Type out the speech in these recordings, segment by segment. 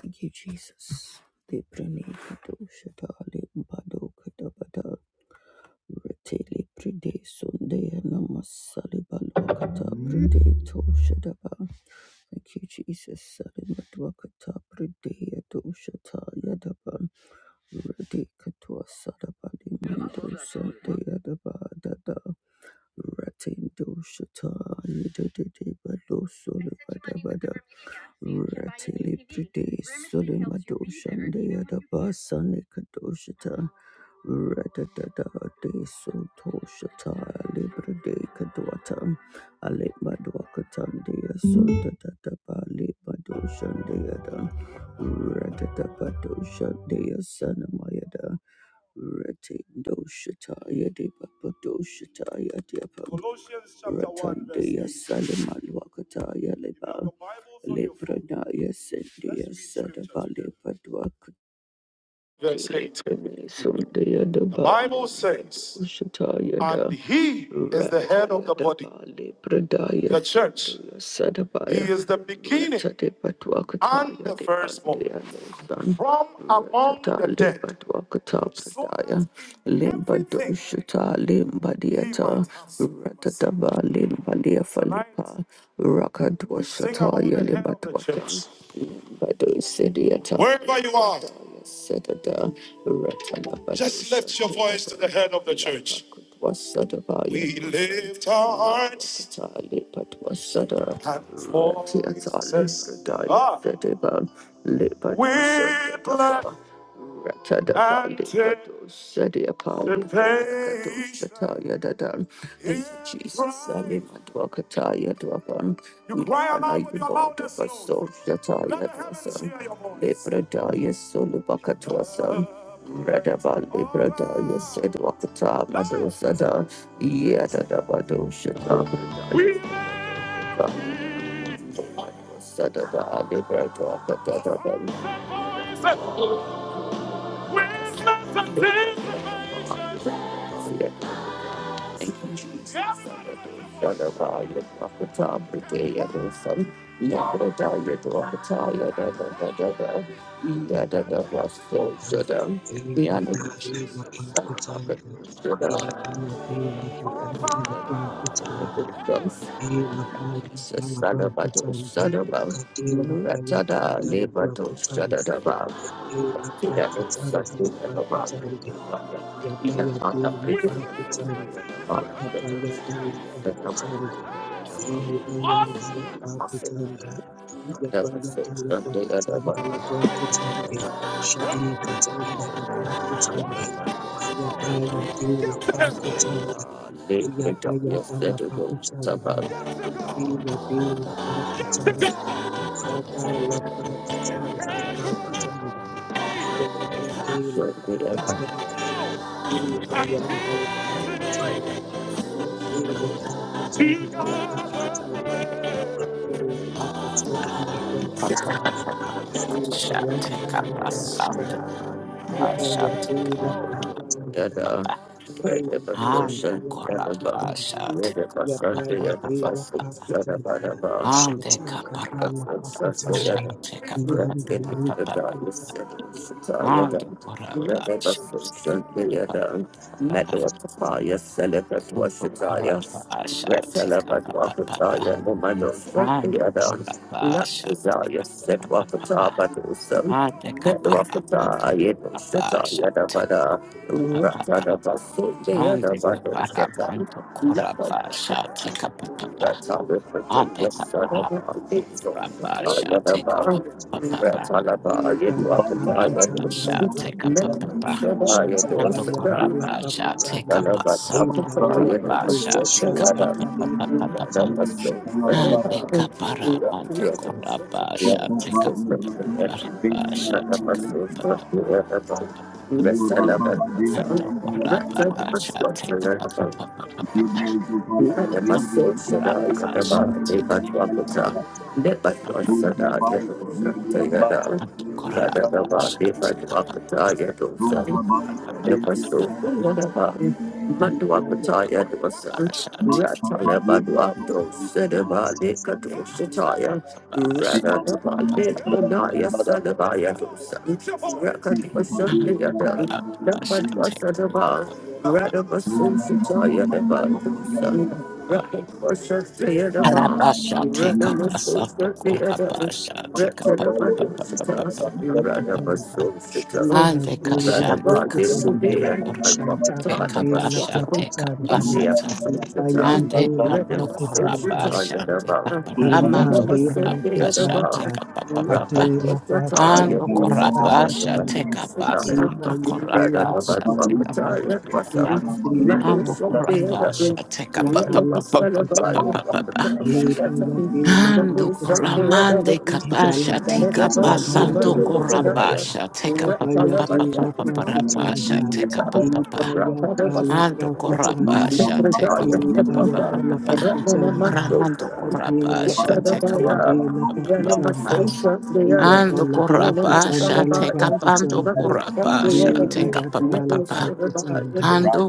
Thank you, Jesus. The Pranikato Shatali Bado Katabada Retili Pride Sunday Namasali Balokata Pride Toshadaba. Thank you, Jesus. Salimatwakata Pride Toshata Yadaba. Ready Katua Sadaba Limando Sunday Yadaba Ratindo shata yedede bado solo bada bada ratili pride solo mado shande yada basane kado shata ratata de soto shata libre de kadwata ale mado katande ya sota tata bali mado shande yada ratata bado shande ya sanama yada Rete doshataya de papa doshataya de papa. Colossians chapter 1 verse Ratandeya 8. Ratandaya Salamaluakataya leba. Lepradaya sendia sadabale verse 8. The Bible says, and he is the head of the body, the church. He is the beginning and the firstborn from among the dead, so that in everything he might have supremacy. Tonight, we sing about the head of the church. Wherever you are, just lift your voice to the head of the church. We lift our hearts and voices. Ah, we bless and take the pain is Jesus, I live and walk a tired weapon. You cry out with your mouth this soul. Let the heavens hear your voice. Libradaya Sulubakatwasam. Radaba Librada, yes, said Wakata, Madosada, Yadabado Shata, We Sada, Librada, Thank you, Jesus. Sadabaya, Wakata, Brigeya, Wilson. Yadadaya, Wakataya, dadadadada. Yadadada, so shada. We Eva honor you, Jesus. pandela pakutsanda, Sadabaka, iya shada. paya dela pakandela pakutsanda, Kadela baya Jesus, kandala bra Sadabado, kutsanda. Sadaba. Kadela baya Muratada, kandala bra Lebato, kutsanda. Sadadaba. Yadela pa Yadadada, katsanda la pa Sadadaba. kutsande. Yabaya Yadadada, dela pa Brigeya, kutsanda. Wilson. Yadadada, Abaya dala pa Sadadaba. kutsanda. Ibaya dala Ready pa kutsanda. Yabaya dala pa katsanda la bra kutsande. Shai katsanda la pa kutsande. Yabaya Yapa yata la pakutsanda. Riya de la pakutsanda. Yata la pakutsanda la pakutsanda. Yapa yate la pakutsanda. Yipa yanda la pakutsanda. Yate la pakutsanda la pakutsanda. Yata la pakutsanda la pakutsanda. Yipa Shall yanda la pakutsanda. Yipa take yate la pakutsanda. Deva for a social, Payandava ever bum, Pakutandi, ready for Sunday Yapaya at Deva Pakutanda, the fast, Shataka Dhamma Rakata Basu, the Pakutandi, other Yanda Lepa Badu Puta, Deva Pakutanda, Deva Pakutanda, Shataka Deva Pakutanda, Deva papa, Pakutanda, Ande kapara Satan, manto koraba Lava shate kapapa. Rest I love Deva Ande Pakutanda, kapara manto koraba shate kapapa. Don't Koraba shate kapapa. Mando koraba shate Thank kapasando koraba shate kapapa. Ande kapara manto koraba shate kapapa. Shate kapapa. it. Mando koraba Rest, I shate love it. kapapa. Rather, the Harabasha, body, take Shata Thank but to occupy your dosa, Napasu, Wadaban, buy, Maduapataya, Dwasan, Lord, Ratalabadua, Dosedaba, Likato Shataya, Radadaba, Likanaya, Sadabaya, Dosan, Rakadwasan, Yadan, Napadwasadaba, Radabasu Shataya, Daban, Dosan, you. Rakadwasan, Yadaban, up a Radamasu, salt of Yadan, Rather, Korabasha, take up a Ande kashande kasande koramande Shaitata de la kabashate Prakutanda, kabasata. Bayan de Ande la bando Prakutanda, korabashande Inda kabaramando lima korabashate kutanda kabapapapa. adela pa Ando kutanda la pa korabashate kutanda iba kabasando yadela pa korabashate kutanda kabapapapa. Thank ikadela pa Ando kutanda korabashate yadala pa kutanda kabapapapapapapapa. iba yadela pa Ando kutanda coramande idala capasha pa Thank tika kutanda la pa pasando kutanda corabasha teka pa yaba pa pa pa pa yadela pa pa para pasha kutanda teka pa pa iba pa yadala pa ando kutanda corabasha teka pa pa pa iba pa pa pa yadala pa pa kutanda Ramando Adela corabasha teka pa pa Brakatande pa La pa pa pa pa pa Pakutanda you. Iyada ando La Brakutanda corabasha La teka pando Pakutanda corabasha teka pa Ibayada pa pa La pa Pakutanda ando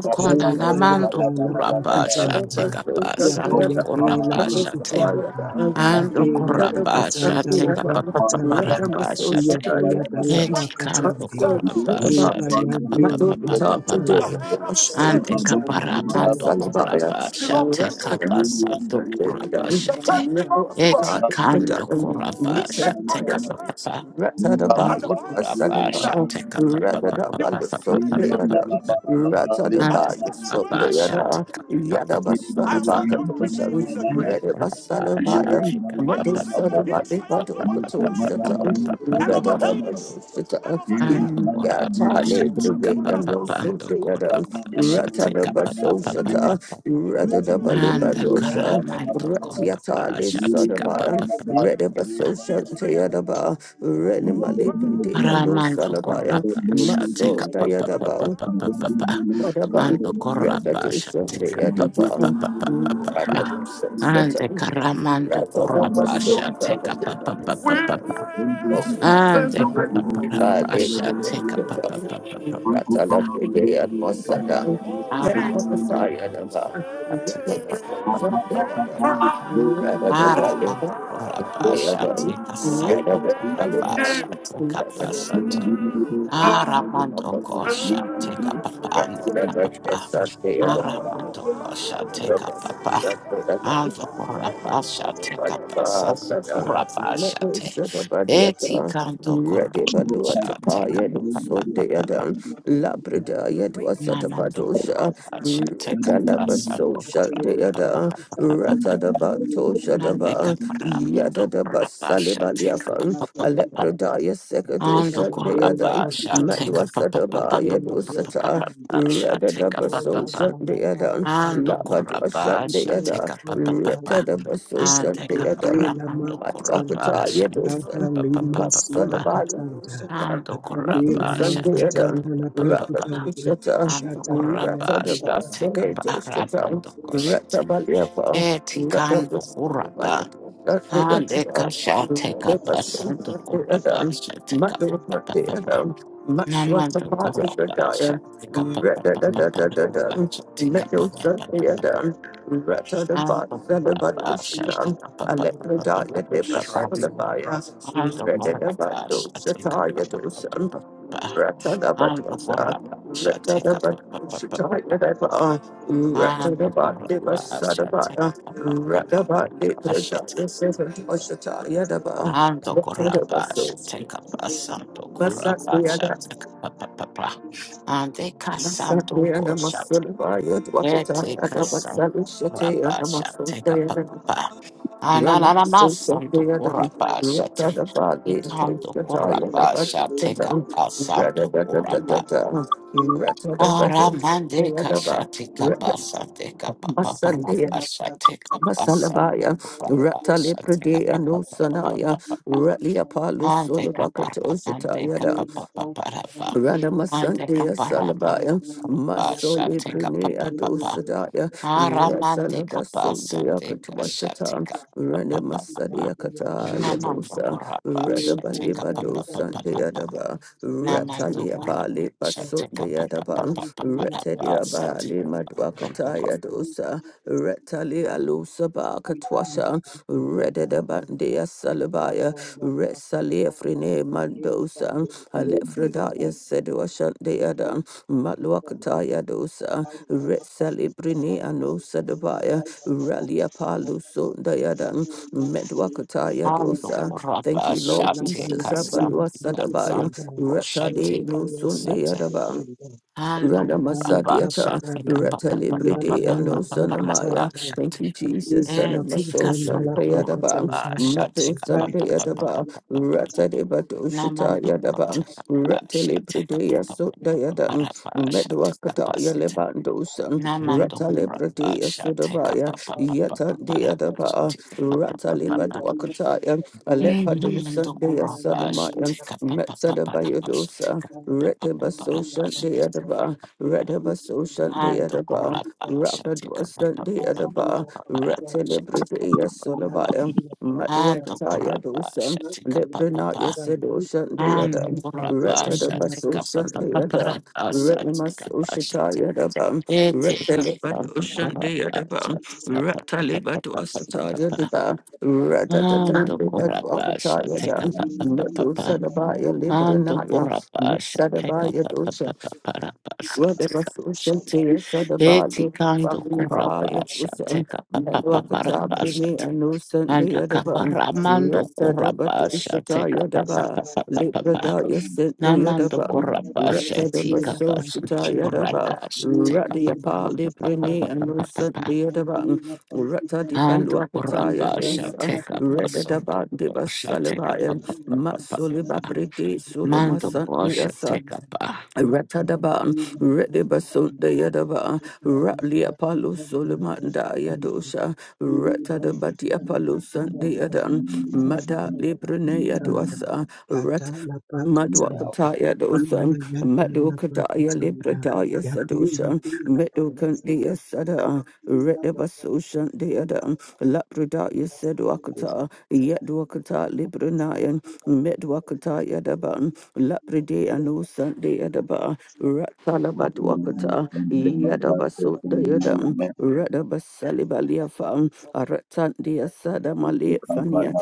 you. conanamando Ibayada La corabasha Pakutanda teka pasando Yabayade La Pakutanda Ando Yade La korabasha Pakatanda La teka papa papa Brakutande rabasha te. Iyabayada La Eti kando Pakatande korabasha teka Ibayade papa La papa papa. Pakutanda Thank Ande you. Shaikatanda kapara La mando Brakutanda korabasha teka pasando korabasha te. Eti kando korabasha Thank teka papa you. papa. Ratadaba, And the Ando it Bible was says that korabasha Sadaba, teka there papa papa Ratadaba, the was papa soap papa the famine other, upon papa. Ratadaba, the Ando the soap the land. korabasha other, teka papa Yadaba I Sadaba, want papa to papa Katosha, remain in the and the grave. Redaba Sadaba, The Matu Bible says that Sadaba, this the man was Badu over the Katosha, and Ratadaba, overcame it Ratadabasosha, Glory and honor, Baba. Glory and honor, Baba. In the Renimali name of Bride the name of Jesus, and Rather, I thank you, my Lord. Father, Whatever Baba, Baba. recognition the My people, edible my Lord, my God, my recognition Lord. Karamando Father, my Kurabasha Lord, Father, take up. a Baba, Baba. papa papa Thank you, I'm Father, Ah, my take Lord. a We pa- give pa- pa- you all pa- for the Lord, Father, sha- the take a Lord. pa- pa- pa- pa- pa- Thank pa- you, pa- Father, my Lord. We are Father, Baba, Baba. We ah, ra- give you all Thank so- you. the pa- take a pa- pa- Baba, Baba, Baba. Thank you, I'm Father, Baba, Baba. Baba, Baba. Thank you, my ah, Lord. ra- pa- pa- pa- ra- pa- sha- take a sa- do- ko- ra- pa- sha- take a pa- sa- Man, ta. we give you all the Ah, Lord, ra- my man- do- Rather Lord. ko- than sha- We come, take a Lord. pa- pa- an- the de- Lord. ka- pa- pa. Now, Ah, in ra- the man- do- Ah, te. Eh, ti- kan- do- ko- ra- Ready, Balua Tapa, Yedo, so they are done. Labrada, Thank you. Yedo, Namando Thank Satabadosha, Kurabasha, take up the Retalaba, so Asando shut Kurabasha, they are done. Ratadabatosha, and take up Daba, Ramando Yadada Kurabasha, take up Basalibaliafan, Alepradaya Ando Sekadusha Deadan, Kurabasha, take Madwasadaba papa. Yadusata, you. Rabasha, Radada take up Imaya Baso Shut dala paku Deadan, Ando tandava. Kurabasha, Labadwa Shut Adidela take Deada, up papa paku Retada tandava. Baso Shut take Shabaya up Deadan, dela Ramando maku tanda. Matwakata Kurabasha, take Ada Yadusan, lima siya up Masalabaya katanda. Dusata. Ando Matu Adadela Kurabasha, maku papa tanda la paku papa. tandi. Ando Shata daya kuraba rata de dala paku shateka Basale tandi. paraba Doshata, dokos. rata Baliapa, Eti rata kando kuraba. Busavaya, rata Ande kasha teka basando kuraba Madusandedan, rata Ratadabasadoshata, Ratabaliapa, Ratabusanabayata, Radabasandedan, shateka papa. Madusandedan, Namando kuraba Matswatapadashadaya, shateka papa papa Radadadadadadan, papa. Shateka papa Thank papa papa. Medusandedan, you. Ando kuraba Ratadabasadabadashata, shateka papa papa papa Alepradaya Deva papa. Striking the Sulabaya, presence of Jesus. Ando kuraba Redadabando shateka Shataya papa papa Dosan, papa. Ando Ratanabadosa, kuraba shateka papa Retanabando papa papa. Shataya Deva, And the Retanabandeva Gorabas shall take Sadabaya, up Ratabandi a shit. Pradaya Seven Shataya Deva, And the Gorabas shall Retanabasos, take up a santo Gorabas shall Masakriana, take up a papa. And the Cassanto Masakriana Gor shall take Masulabaya, it. Dwakataya a Dava santo Salishataya Gorabas take up a Thank Namasulaya papa. And running so Ananamas santo the other Rata take. da He Bali, come to Toshata, Yada Gorabas take up Batata, a Rada santo da da da da da, Rata da Aramande Batata, Yada Ba, kashati Rata kapasa de kapapa Masande, parapasa te kapasa Masalabaya, Rata kapasa Lepre te de kapapa Anosanaya, papa Ralia Palus ande Solabaka kapara mande Toshata, kapapa parapa Ranama ande Sandhya kapara Salabaya mando parapasa Masoli te Brine kapapa papa Adosadaya you. aramande Rasalaba Thank kapasa Sundaya de kashati Katwashata kapapa Ranama papa Sadia Kataya namando Dosa korapasa te Radabaliba kapapa Dosa papa Deadaba Mama Ratalia Zagreb, Bali Shetika Papa Basundayadaban, Retalia Bali Satika Sanduka Madwakataya Dosa, Retalia Lusa Bakatwasha, Rededabandia Salabaya, Resalia Frine Mandosa, Alefredaya Seduashandeadan, Matwakataya Dosa, Resali Brine Anosa Dabaya, Ralia you. Palusundayadan, Thank Medwakataya Andu Dosa. Thank Kurapa you, Lord Jesus. Shatika Abalua Santika Sadabaya. Sanduko Rata de Shetika no Sunday Sati Adaba, Andu Papa Ranamasadiyata, Shatika Papa Papa Papa Ratalibride, and Papa Papa Osanamaya. Thank you, Shati Jesus, and I'm a Etika social payadaba, Sandukurapa Matu Shatika Papa Papa Sandayadaba, Papa Papa Ratadibadushita Namandu Yadaba, Kotaka Shatika Ratalibride, Papa Papa Sudayadan, Papa Medwakata Shatika Yalebandosan, you. Namando Ratalibride, Kurabasha take up Sudabaya, Papa. Thank Yatan Deadaba, Ratalibaduakata, Alepadusan, Namando Kurabasha Deasanamayan, take up Metzadabayadosa. Redibaso Shanti Adaba, Redibaso Shanti Ando Adaba, Kurabasha Rakadwa take up Shanti Adaba, Retilibrida Solavaya, Ando Madhuakataya Dosan, Kurabasha take up Lipranaya Sido Shanti Ando Adam, Kurabasha take Retadabaso Shanti up Adam, Retimas papa Ushataya Dabam, Ete Retilibado kasando you. Shanti koraba Adabam, Thank shate kapa pa pa Retalibado pa pa pa pa Sataya pa. Diba, Retadadan Ando koraba Dibadwakataya shate Dam, kapa pa pa pa Metu pa. Sadabaya Ando Libranaya. koraba shate Sadaba kapa pa pa Yadusha, pa pa pa pa shate whatever kapa social shate. day Eti Sadaba, kando walking by koraba Yadusan, shate kapa pa pa pa pa Melwakata, pa Brene, shate. and no you. Sunday Anda kapa Yadaban, Thank ramando Rata Daba to koraba shate Ishata kapa pa Yadaba, pa pa pa pa pa. Librada Yasento Namando Yadaban, korapa Rata sheti Daba kapa santo Soshita Yadaba, korapa shete kapa pa Radiapa, pa pa pa pa Librene, pa and no pa pa pa. Sunday Yadaban, Rata Dipa Ando Luakata korapa Yadosa, shete kapa Reda santo Daba Deba shete kapa Salabayam, pa pa pa pa pa Matsuliba pa. Priti, Sulema Mando ko Sunday shete kapa. Ratadaba, Redibasunda you. Yadaba, Thank Ratli Apollo Solomanda Yadosha, Ratadabati Apollo Sunday Yadan, Mada Librene Yadosa, Rat. Matwakata Maduka Daya Libra Daya Sadushan, Medukan Dia Sada, Redabasusan Deadan, Lapra Daya Sedwakata, you. Yedwakata Libra Nayan, Medwakata Yadaban, Lapra Dea Nusan Deadaba, Salabadwakata, number question, Yadabasunda in the Yadam, map, Radabasalibaliyafam, Aratandia the Sadamale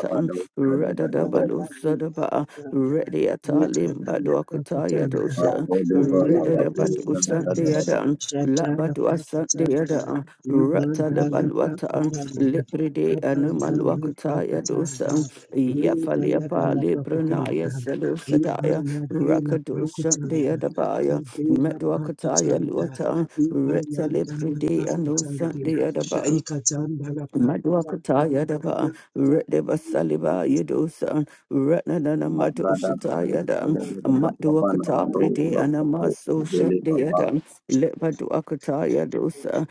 Thank you. the Dadabet, Radadabalu Sadaba, Rediata Yikadala Limbadwakata pakutanda, Yadosha, Bodobala, kadila the pakutanda, Dadaba, Redadabadusandiadam, shadala pakutanda, Labadwasandiadam, imandala Ratalabalwata, pakutanda, Lipride kabandali Animalwakata Yadosa, pakutanda, Yafaliapa likayadala Libranaya pakutanda, Selusadaya, imayadela Rakadosa pakutanda, Diadabaya. kadila Medwakataya pakutanda, Luata, Retta Libri imayandala Dea, no pakutanda, Sunday Adaba, shaikatandala pakutanda, Madwakata Yadava, Redeva Saliba Yadosa, Ratnana Matoshata Magadabado, the Yadam, Dadaba, Madwakata Papanabado, Bride Rakato, Anamaso Dele Papa, Shandayadam, Lepaduakata Yadosa,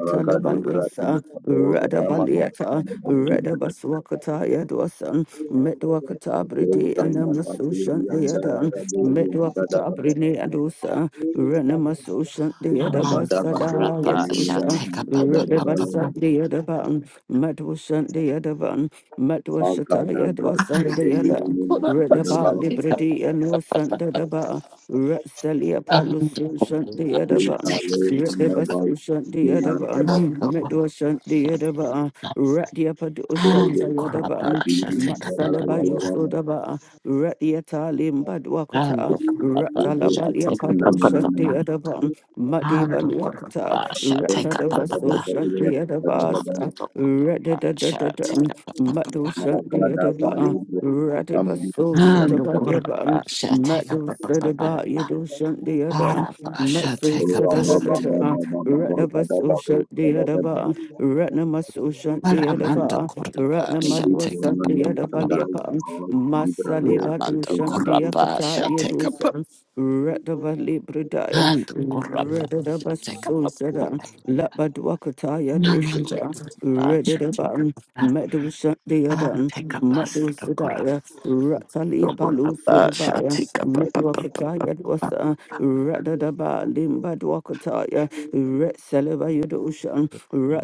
Ragadu, Ratin, Abo, Radabaliata, Damano, Radabaswakata Yadosa, Medwakata Thank Bride you. Anamaso Shandayadam, Medwakata Brine Adosa, Ranamaso Shat Thank you. Amando yadabasada korapa Yasosha. shete kapa pa pa pa pa. Redabasat the other button, Madwasant the other button, Madwasata Yadwasant the other, Arando korapa Redaba shete kapa Liberty pa and pa no pa pa Santa pa. Daba, Retsalia Ando Palusushant the korapa other button, shete kapa. Redabasushant the other button, Ando korapa. Medwasant the other button, Radiapadushant Ando the other korapa button, shete kapa pa Matsalaba pa pa. Yusodaba, Radiata Ando Limbadwakata, kurapa shall Ratalabalia take a papa Padushant the papa. other button, Ando Madiba kurapa shall take a papa Ratadabaso papa. Ando Shandiadabasa, kurapa shall take Radadadadada, a papa Madu papa. Shandiadaba, Radibaso Ando Shatabadiaba, kurapa shall take a Madu papa Sadaba papa. Yadu Shandiada, Arapa shall Matsu take a pasat. Sadadadada, Radabaso Shandiadaba, Ratnamaso Aramando Shandiadaba, kurapa shall Mandy, Ratnamalwa take a papa Woman, papa Sagai, papa. Shandiadabaliapa, God, Libra, Masali Do, Badu Namando Dinana kurapa Shandiakata shall take a Yadusa, papa. Radabali Ando kurapa shall take a papa Redadabasusada, papa. Labadwakataya Namando dosada, kurapa shall take Redadaban, a papa. Medusa deadan, Take a bus to Madusadaya, Ratalia balu sudabaya, Medwakataya dosa, Radadaba limbadwakataya, Retsaleva yudosha,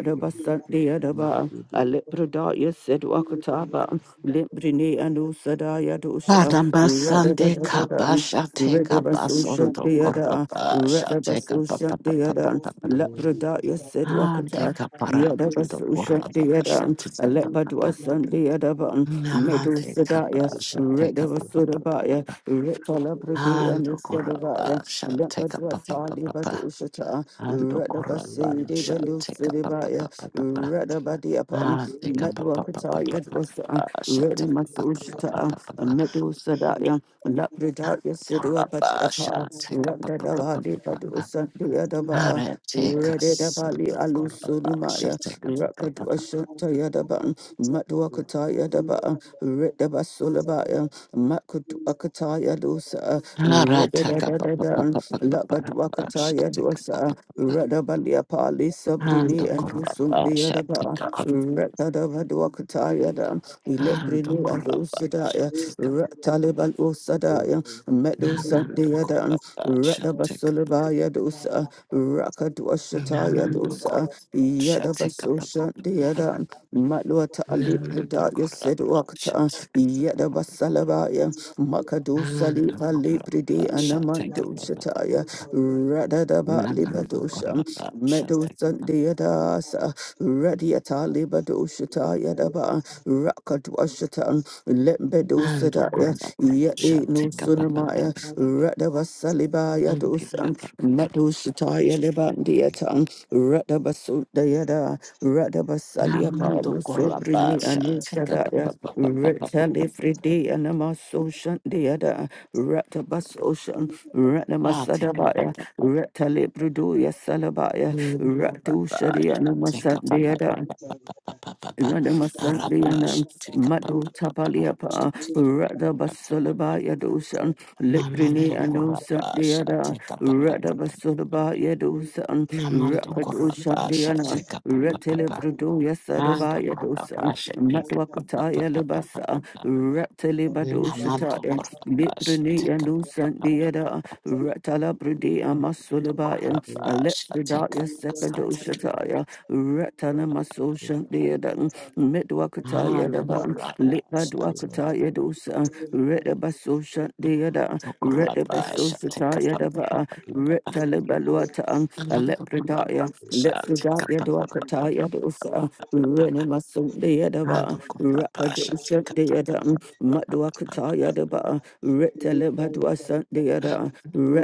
Thank deadaba. Alepradaya said Wakataba, Limbrine and Usadaya dosha, Adambasande Radadadadam, kabasha take a basondo Redabasusha korabasha take a Radabaso shut papa the papa other, papa. Labradaya said Ande Wakata, kaparando Yadabaso shut the other, korabasha take a Alebadwa papa. Sunday Adaban, Medu Namande Sadaya, kabasha take a papa Redabasudabaya, papa. Retalabradi and the Ando Sadabaya, korabasha take a Labadwa papa Tali papa. Badushata, Ando you. Radabasi de korabasha take a papa Belusadabaya, papa. Radabadiapan, Ah, tika pa pa pa pa Medwakata pa pa pa. Yadwasa, Sha tika Redamaso pa pa pa pa pa Shata, pa pa. Medu Sadaya. Labrada Ah, Yasidua Kurapa sha Patiafa, tika pa Randa pa pa pa pa Davali pa pa. Padusan Diadaba, Are tika Rede Davali santo kurapa sha Alusunumaya, tika pa pa pa Rakadu pa. Ashanta Yadaban, Matuakata Yadaba, Redaba Sulabaya, Makutu Akata Yadusa, Ara tika pa pa pa Redadadadan, pa pa pa pa pa. Labaduakata Sha tika pa pa Yadusa, pa pa. Radabalia Pali Ando Sabrini Thank and Usum kurapa sha Diadaba, tika pa. pa Redadavaduakata Yadam. Ando Ilebrini kurapa sha Adosadaya, tika pa pa pa. Rataliban Osadaya, Medo Namando Sandiadan, kurapa sha tika pa. Radabasolabaya dosa, Rakadwashataya Namando dosa, kurapa sha tika pa pa Yadabasosha pa pa. deadan, Matluata Nanda Alipridaya Koraba said shall Wakata, take up Yadabasalabaya, Makadosa Nanda Lipa Koraba Lipridi shall take Anamando up Shataya, Radadaba Nanda Libadosha, Koraba shall Medo take up Sandiadasa, Radiata Libadosha. Yadaba, Thank Rakadwashatan, Lembedo Nanda Sadaya, Koraba shall Yadi no take up Sunamaya, Radaba Saliba Yadosan, Matu Shataya Lebandiatan, Radaba Sundayada, Radaba Salia Pablo Namando Koraba Sobrini shall and take up Tadaya. Retali Fridi and Amasoshan Deada, Ratabas Ocean, take up Ratnamasadabaya, Retali Bruduya Salabaya, Ratu Rabba Sharia shall take Numasan up Rabba Deada, Radamasandiana shall Madu Tapaliapa take Rada up Basolaba Yadosan Liprini Namando Anu Kurapa Sandiana Shateka Papa Rada Papa. Basolaba Yadosan Namando Rakadu you. Kurapa Shandiana Shateka Papa Retele Papa. Brudu And Yasadaba the Kurapa Yadosan Shateka Papa Matwakataya Papa Papa Libasa Papa. Retele Badu Namando Shataya Kurapa Liprini Shateka Anu Papa Papa. Sandiana Ratala Brudi Namando Kurapa Amasulabaya Shateka Shateka. Sekadoshataya, Ratana Maso you. Shandiadan, Medwakataya And the Daban, Kurapa Shateka. Lipadwakataya Dosa, Redabaso And Shandiada, the Kurapa Redabaso Shateka Shataya Papa Dava, Papa Papa. Retalibaluatan, And the Alepredaya, Kurapa Shateka Lepredaya Papa Papa Dwakataya Dosa, Papa. Renamaso And Deadava, the Kurapa Thank Rakadosha Shateka Papa. Deadan, Madwakataya Dava, Retalibadwasan Deada,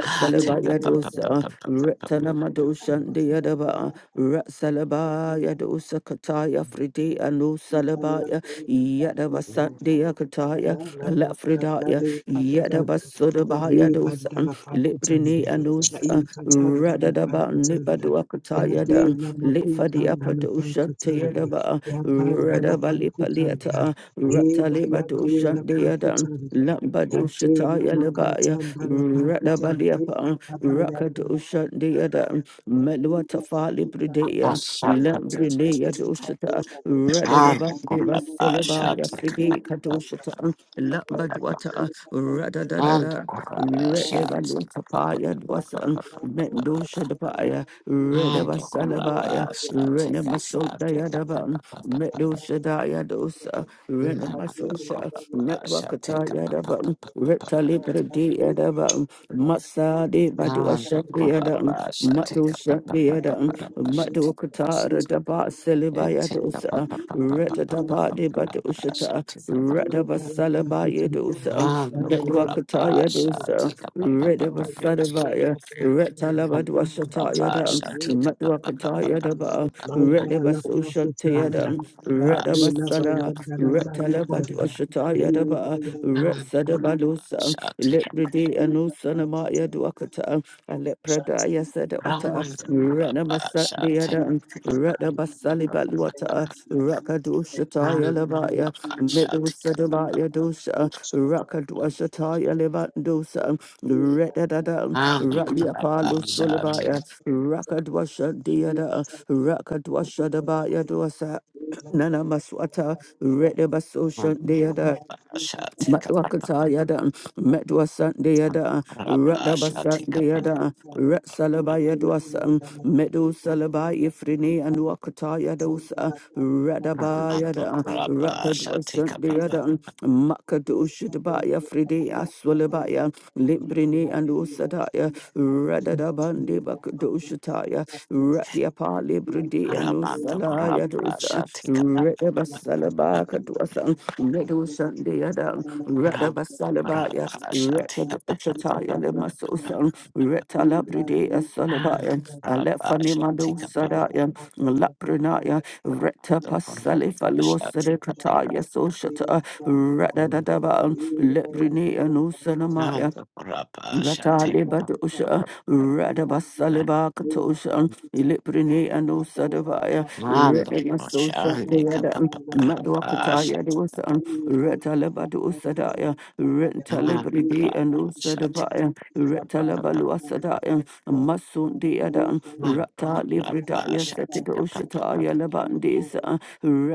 Ah, take a bu- bu- Dosa, bu- bu- bu- bu- bu- Retana Madoshan de Yadaba, you. Ratsalaba Yadosa Kataya, Fride Anu Yadela Salabaya, Yadaba Sandia Kataya, Lafridaya, Yadaba Sodabaya Dosan, Liprini Anus, Radadaba Nipadua Kataya Dan, Lipfadia Padosha Tayadaba, Radaba Lipaliata, Rataliba Doshan de Yadan, Lambadosha Taya Labaya, Radaba Rakadosha Deada, Melwata Fali bu- a Bridea, shot, but t- t- t- Lambrinea t- t- Doshata, and Radadaba Deva grab a Solaba, shot, take a Yasridi bu- bu- Kadoshata, bu- bu- bu- Lambadwata, and Radadada. grab a shot, take a bu- bu- Redevaluapaya bu- bu- bu- bu- dwasan bu- bu- bu- bu- Mendosha bu- Dabaya and grab Redevasalabaya a shot, take a shot, take a bu- Redemasodayadaba bu- bu- bu- bu- bu- Medushadaya dosa, bu- mm, and Renemasosha, grab a shot, take a Metwakataya bu- bu- bu- dabam, bu- bu- bu- bu- Retali bu- Bredi edabam, Thank you. Masadi and Baduashadi grab Mandala Pakutanda, edam, a shot, take a bu- bu- bu- Madushadi bu- bu- edam, bu- Kadila bu- shot, take a bus. Madukatara daba, Selibaya dosa, Ratadaba de Batoshata, Radabasalabaya dosa, Bayandala Dadwakataya dosa, Redabasadabaya, Retalabadwashataya dam, Matwakataya daba, Redabasoshataya Pakutanda, dam, Radabasala, Retalabadwashataya daba, Ibayandala Pakutanda, Retsadabalosa, Take Lebride and Kadila Osanamaya Pakutanda. dwakata, Alepradaya said Otta, Renamasa Deadan, Renabasali Baluata, Rakadu Shataya Levaya, Midu Sadabaya Dosha, Rakadu Shataya Levandosa, Redadadam, Raliapalu Sulabaya, Rakadwasha Deada, Rakadwasha Dabaya Dosa. Nana Maswata, a Redabasosha Deada, Matwakata yada, Metwa de yada, Radaba de yada, Rat Salaba Thank yadwasa, Medu Salaba Ifrini and Wakata yadosa, Radaba yada, Rakadwa de yada, Makadu Shidabaya Fridi Aswalabaya, Limbrini and Usadaya, Radadabandi Bakadu Shataya, Ratiapa Rudi Anusala Yadusa Redabasalaba Kaduasan Redusan Deadam you. Radabasalabaya Rekadushataya Lemasosan Retalabride Asalabayan Alefani Madu Sadayan Laprinaya Retapasalifaluosadekataya Soshata Radadadaban Lebrine Anusanamaya. Rata leba dosha, rada basaleba katosha, iliprine ano sadavaya, Mando, rada masosha, Shandi, rada Kapapa, madwakataya dosa, rata leba dosa Thank you. daya, Take renta up Yapangiwe a libride ano n'akafutanya, sadavaya, rata leba yakayakana luasadaya, kafutanya, masun deada, yekanga rata kafutanya libridaya sekadosha nakafutanya, taya yekanga lebandesa,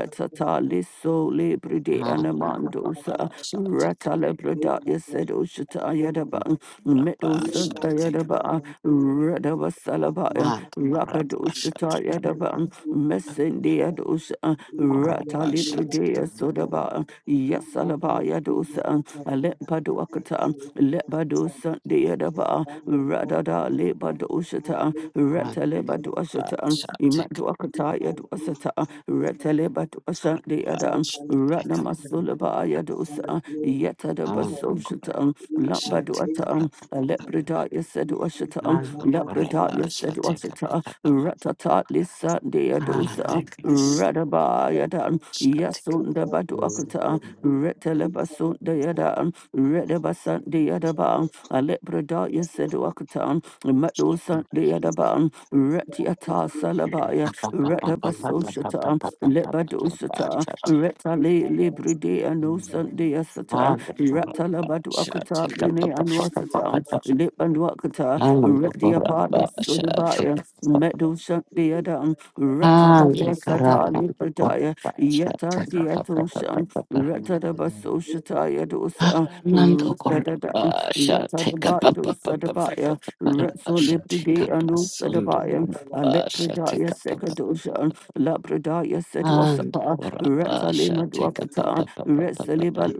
kafutanya liso kafutanya, libre de yakanga anamandosa. kafutanya, Ratala brada yekanga yasedo kafutanya shata kafutanya, yadaban. Medo santa yekanga yadaba. kafutanya. Radaba Thank you. salabaya. Rakado shata yadaban. Messendia dosa. Ratali brade sodaba. Yasalabaya dosa. Alepa doakata. Lepa dosa de yadaba. Radada lepa duasata, retaleba duasata, imaduakataya duasata, retaleba duashandiada, ranamasulabaya dusa, yetadabasoshata, labaduata, lepredaya seduashata, lepredaya seduashata, ratata lisandia Ah, dosa, that good radabaya dan, stuff. yasunda baduakata, retaleba sunda dan, Redabasan de Adaban, a lepradaya seduakatan, Medosan de Adaban, Retiata Salabaya, And Rabasha, Redabasosata, Lebadosata, Retale Libride and Osan de Asata, Ratalabaduakata, take Bene and Wasata, Lebanduakata, Retiapadu Sodabaya, Medosan de Adam, Ratabadia Sata Libradaya, Yata Diatoshan, Ratadaba Soshataya dosa, Ratadada, Ratadaba dosadabaya, Thank Ratso Lipride and Osadabaya, Alepredaya Sekadoshan, Labradaya Sedwasapa, Ratalima a papa, Dwakata, papa, papa, papa. Retsaliba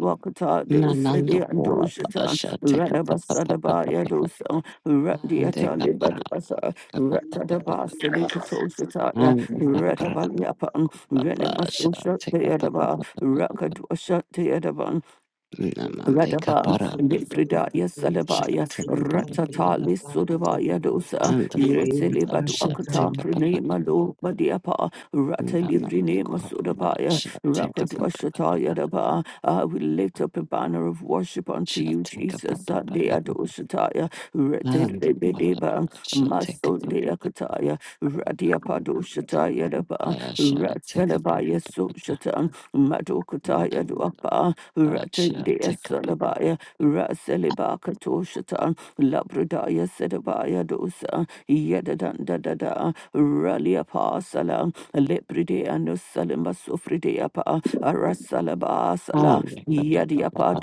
Nanando Dosedi and kura Doshatan, pasha teka pa Radaba pa pa pa pa pa pa. dosa. Ande Randiata kapara Libaduasa, ande kapa pa pa pa Ratadaba pa pa. Silicatosataya, Ande kapara Ratabalia Pan, kura Renema pasha Susha, the teka pa pa Edaba, pa pa pa. Rakaduasha, the Edaban, Namande Radaba, kapara ande kura Lifridaya pasha Salabaya, teka pa pa pa pa Ratata pa. Lissodavaya dosa, Ande kura Yreteleba do pasha Akatam teka you. pa pa pa Prenema pa pa. do Badiapa, Namande Ratalibrinema kura Sodabaya, pasha teka pa pa pa pa pa. Rakadwashataya Daba. I will lift up a banner of worship unto Sha you, teka pa Jesus, pa pa pa Sandea pa. doshataya, Ande kura Retedeba, pasha teka Maso pa de pa pa. Akataya, Padoshata Yadaba, I take Ratsanaba up Yasoshata, Madokata Yadwapa, I Ratandia take up Salabaya, Rasalibaka Toshata, Labradaya Sedabaya Dosa, Yadadanda Dada, Ralia Pasala, Lepridea no Salima Sofridea Pa, Arasalaba on Sala, the Lord, Yadiapa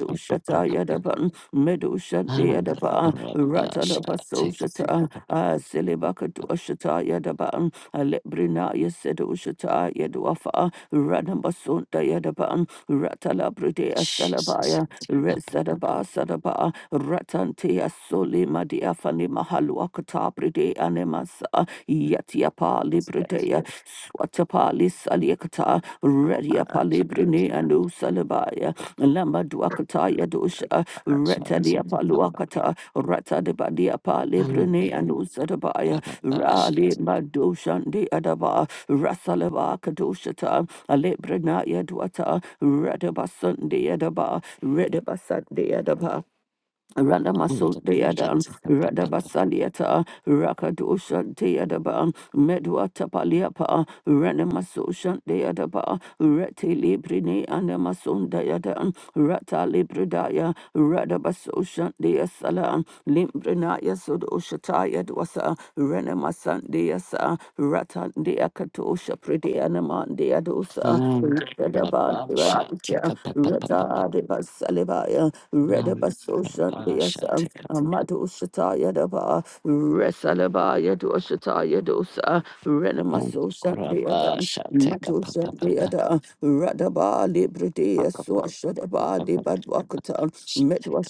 Adaban, Medu Shanti Adaba, I Ratalaba shall take Soshata, up Ah Silibaka Doshata Yadaban, Alebrina Yasedu Shata Yaduafa, Ranamasunda Yadaban, Ratalabride Jesus Salabaya, take up Resadaba Sadaba, Ratantia Soli Madia Fani Mahaluakata Bride Animasa, Yatiapa Libride Salabaya, Swatapali Saliakata, Redia I shall Palibrine and Usalabaya, Lamba Duakataya Dosha, Retalia take up Paluakata, Rata de Badia on Palibrine the and Usadabaya, Barabbas Rali Madoshan de Adaba, Rasalaba Kadoshata, Alebrinaya Duata, Redabasun de Adaba, Redabasun de Adaba. and Ranamasul the Lord, deadan, take up Radabasaliata, Rakadoshan deadaban, Medwatapaliapa, Ranamasoshan deadaba, Rete librine anamasun deadan, Rata libridaya, Radabasoshan deasalan, Limbrinaya sudoshataya dwasa, Ranamasan deasa, Ratan deakatosha Anamandi Adosa, and Redabandi Rabba take Adosa, up on Reda Adibas Alibaya, the Redabas Ocean Diasa, Amado Shataya Daba, Resalabaya Doshataya Dosa, Um, Renamaso Kuraba Shandiadam, Shateka Mado Papa Papa Papa Shandiada, Radaba Libridia, Papa Swashadaba, Papa Dibadwakata, Shateka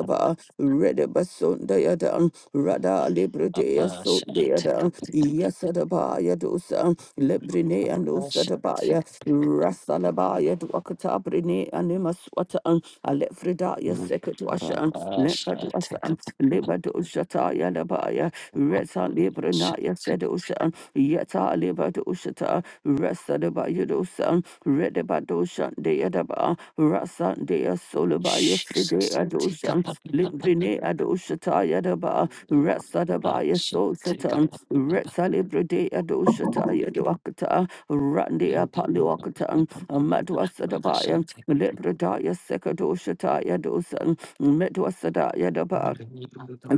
Papa Redabason Dayadan, Rada Libredea So Shateka Deadan, Papa Yasadabaya Dosa, Lebrine and Papa Osadabaya, Shateka Papa Rasalabaya Dwakata Brine and Imaswatan, Alefredaya Sekatwashan, Kuraba Shateka Lepadwasan, Papa Libadoshata Labaya, Kuraba Reta Librenaya Sedoshan, Yeta Libadoshata, Sadaba Yudosan, Redabadoshan de Adaba, Rasan de Solaba Yefide Shateka Adoshan, Papa Papa Limbrine Adoshata Yadaba, Rasadaba Kuraba Shateka Papa Papa Kuraba Shateka Yasosatan, Redsalibride Adoshata Yaduakata, Randi Apaluakatan, Amadwa Sadabayan, Libradaya Sekadoshata Yadosan, Medwa Sadaya Daba.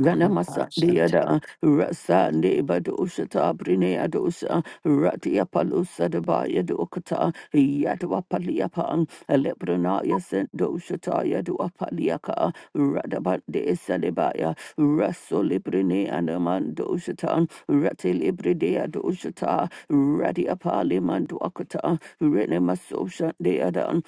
Papa Kuraba Shateka Rasa Neba Doshata, Brine Adosa, Ratia Palosa de Baya Dokata, Yadwa Paliapan, Alepranaya sent Doshata, Yadwa Paliaka, Radabande Salibaya, Raso Librine Anaman Doshata, Rati Libridea Doshata, Radia Paliman Dwakata, Renemasosha Deadan,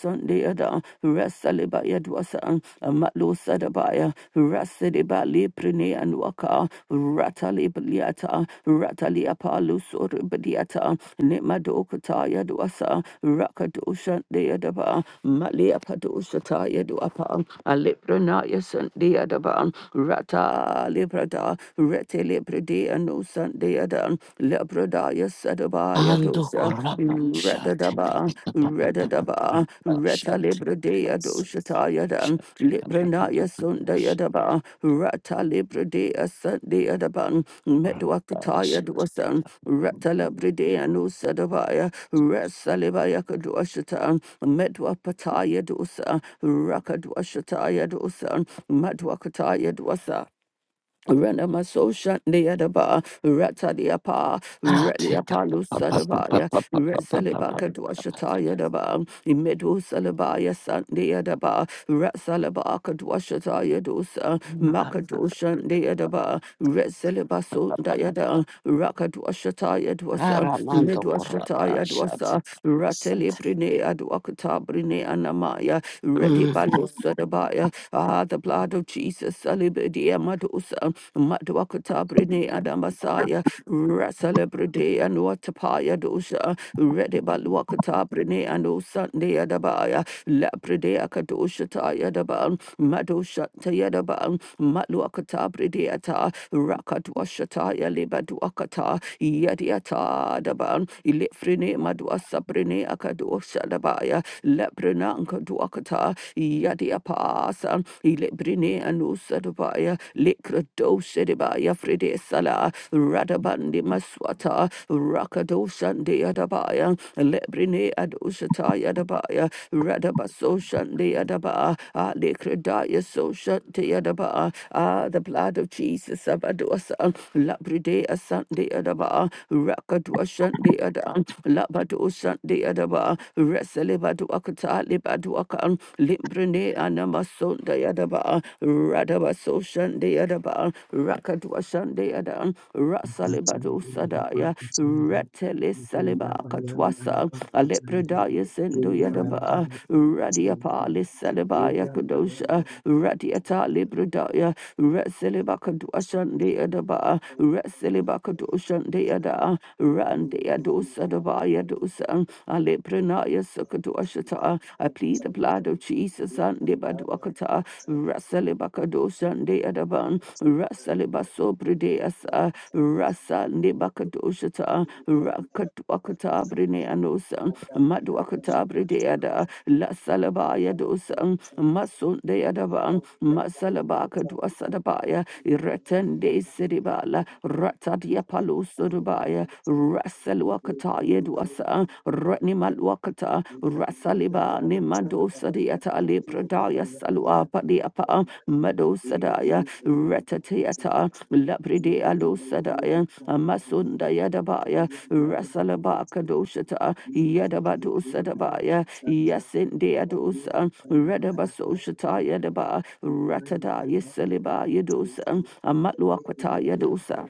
Sunday Ada, Rasaleba Yadwasa, Matlo Sadabaya, Rasedeba Liprine and Waka, Ratalibliata, Rataliapa Lusoribadiata, Nemadokata Yadwasa, Rakadosha Deadaba, Malia Padoshata Yadwapa, Aliprana Yasundi Adaba, Rata Librada, Rete Libride and no Sunday Ada, Radadabaya Sadabaya Ando Dosa, koraba shate Radadaba, pa pa pa pa pa pa Radadaba, pa Reta shate pa Libradea Doshataya Dan, shate pa pa pa Libranaya pa shate Sundayadaba, Rata Libradea Sundayadaban, koraba Medwakataya shate Dosan, pa Rata Labradea Nusadabaya, Resalivaya Kadoshatan, Medwapataya Dosa, Rakadwashataya Dosan, Madwakataya Dwasa. Renama Sosha Neadaba, Ratadiapa, ah take up Reliapalu pa pa pa pa Sadabaya, pa pa pa pa pa Resalibaka Dwashataya Daba, Imedu Salabaya Sandeadaba, Ratsalabaka Dwashataya Dosa, pa Makadosha Neadaba, Resalibaso Dayada, Rakadwashataya Dwasa, aramando koraba Midwashataya shate Dwasa, pa shate Ratelibrine Adwakata Brine Anamaya, Ready Balu Sadabaya, Ah, the blood blood of Jesus, Salibidi Amadosa, Madwakata Brine Adamasaya, Rasalibride and Watapaya Dosha, Redibal Wakata Brine and O Sunday Adabaya, Labride Akadosha Tayadaban, Madosha Tayadaban, Matwakata Brideata, Rakatwashataya Libadwakata, Yadiata Daban, Ilifrine Madwasa Brine Akadosha Dabaya, Lebrina Kadwakata, Yadi apasa, Ilebrine anusadabaya, Likrado shedibaya, Fride sala, Radabandi maswata, Rakado shande adabaya, Lebrine adoshata yadabaya, Radabaso shande adaba, Alikradaya so shante yadaba, Ah, the blood of Jesus, Sabadosa, Labride asante adaba, Rakadwa shande adam, Labado shande adaba, aduakata libaduaka limbrene anamasunda yadaba radaba so shande yadaba rakadua shande yada rasalibadu sadaya retele saliba katwasa alepredaya sendo yadaba radiapa lisalibaya kudosha radiata libredaya resiliba kadua shande yadaba resiliba kadua shande yada rande yadu sadabaya dosan aleprenaya sakadoshata. I plead the blood of Jesus and debadwakata rasalebakadosan deadaban rasalebasopredeasa rasa Thank nebakadoshata rakatwakata breneanosan madwakata bredeada lasalabaya dosan masundeadaban masalabaka dwasadabaya ireten de seribala ratadiapalusurubaya Rasal Wakata Yedwasa, Ratnimal Wakata, Rasaliba Nimado Sadiata Le Pradaya Salwa Padiapa, Mado Sadaya, Retatiata, Labride Alo Sadaya, Masunda Yadabaya, Rasalaba Kadoshata, Thank Yadabado Sadabaya, Yasinde Adosa, Redabasoshata Shata Yadaba, Ratada Yesaliba Yedosa, Amatluakata Yedosa.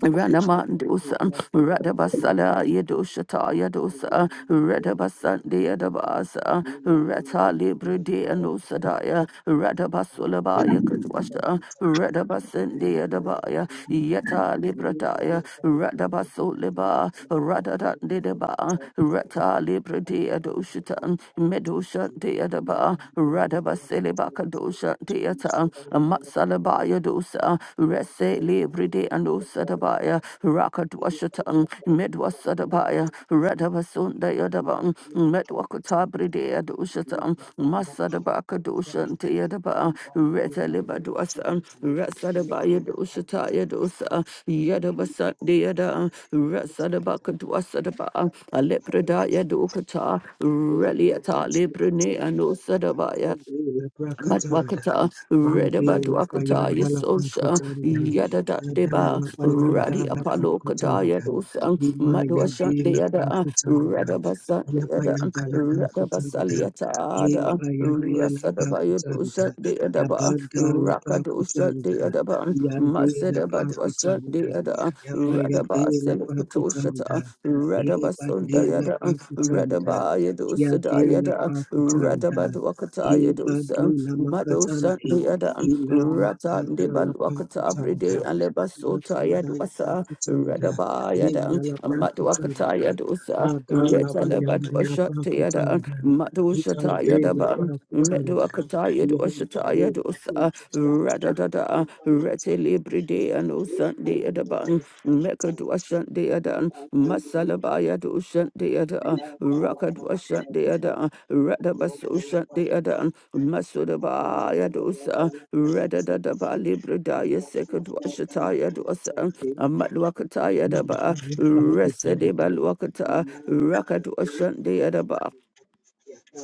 Ranamandosan, Radabasala, Yadoshata, Yadosa, Radabasandi, Yadabasa, Rata Libre de Anosadaya, Radabasulabaya Kadwasha, Radabasandi, Yadabaya, Yeta Librataya, Radabasuliba, Radada Didaba, you. Rata Thank Libre de Adoshitan, Medosha de Adaba, Radabasiliba Kadosha de Yata, Dabaya Dosa, Rese Libride and Osadabaya, Rakadwashatan, Medwasadabaya, Radabasunda Yadaban, Medwakatabride Adoshatan, Masadabaka Doshan Tayadaba, Reta Libadwasan, Rasadabaya Doshata Yadosa, Yadabasandi Yada, Rasadabaka Dwasadaba, Alepreda you. Yadokata, Reliata Librine and Osadabaya. Ikande labrakatanda, Madwakata, Reda mande Badwakata, lapayanda Yesosha, lapakutande, Yada da kada Deba, lapayanda Radi Apollo Kadaya lapakutanda, Dosa, lima yade Madwashan the Yada, lapakutanda, Reda Basan the Yada, yabayada Reda lapakutanda, Basaliata Ada, ebayade Rasadabaya lapakutanda, Dosa the Adaba, yabanda Rakadosa lapakutanda, the Adaban, yande Masada Badwasa lapakutanda, the Ada, Rada yabayade lapakutanda, Baselipatosha, ebande Radabasunda Yada, lapakutanda, Radaba Yadusa Yadela Dayada, pakutanda, Radabadwakata Yadusa, ibadula Madosa makatande, Dayada, ila Rata makada la Debalwakata pakutanda, Bride, Alebasota yamakanda la Yadwasa, pakutanda, Radaba Yada, enda la Matwakata pakutanda, Yadusa, ada la bayanda la Retalabadwasha Tayada, pakutanda, Madoshata ikande la Yadaba, pakutanda, Meduakata yanda le Yadwashata pakuta shata Yadusa, la Ada, Rete pakutanda, Libri de Ano ila Sunday bayanda Adaban, la pakutanda. Mekadwa Sunday Adan, Masalabaya do Sunday Ada, Rakadwa Sunday Ada, Radabaso Sunday Adan, Masudabaya dosa, Redadadaba Libri Daya Sekadwa Shataya dosa, Amadwakataya daba, Resedeba Luakata, Rakadwa Sunday Adaba.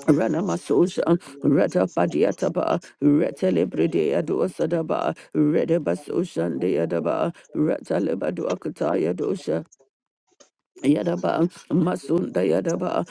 Rana Ranamasosa, Rata Padiataba, Retelebredea dosadaba, Redeba Sosan deadaba, Rata Lebaduakataya dosha, Ilama Yadaba, Masunda Yadaba, kukutsanda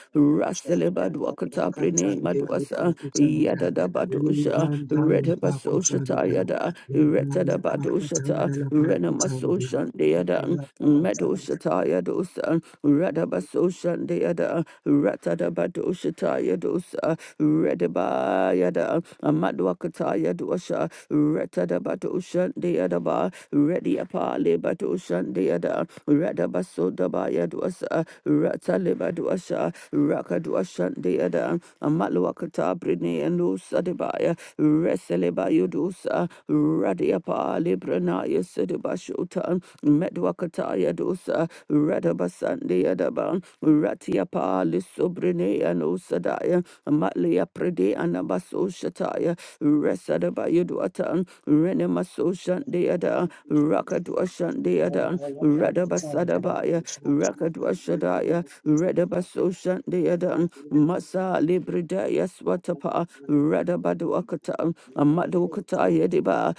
shaka Raseleba Dwakata Prene, mapakatsande Madwasa, lepakutsanda Yadadabadusha, ulibanda Redabasoshata lapakutsanda Yada, yada Retadabadushata, lapakutsanda lapakutsande Renamasoshan kada Deadan, lapakutsanda Medoshata Yadosa, Radabasoshan Deada, Ratadabadoshata Yadosa, Redaba Yada, Amadwakata Yadosha, Retadabadoshan Deadaba, Rediapa Lebadoshan Deada, Radabasoda Makaya Dwasa, Rataleba Dwasha, Raka Dwashan Deada, Amalwakata Brine and Lusadebaya, Reseleba Yudusa, Radiapa Libranaya Sedibashuta, Medwakataya Dosa, Radabasan Deadaba, Ratiapa Lissobrine and Usadaya, Amalia Prede and Abaso Shataya, Resadabaya Dwatan, Renemaso Shandeada, Raka Dwashan Deada, libanda lapakutsanda Radabasadabaya, shaka Rakadwa Shadaya, Redabaso Shandeadan, Masa lapakutsanda Libridaya Swatapa, Radabadwakatan, Amadokataya Deba,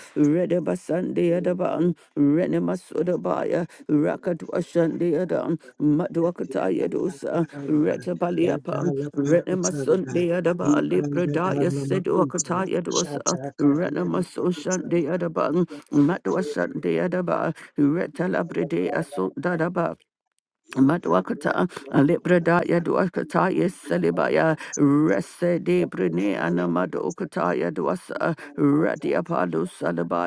Thank Redabasandeadaban, Renemasodabaya, Rakadwa Shandeadan, Madwakataya Dosa, Retabaliapan, Renemasundeadaba, Libridaya Sedwakataya Dosa, Renemaso Shandeadaban, Madwa Shandeadaba, Retalabride Asundadaba. Madwakata, Alibradaya yes Salibaya, Rese de Brine Anamadokataya Dwasa, Radiapalu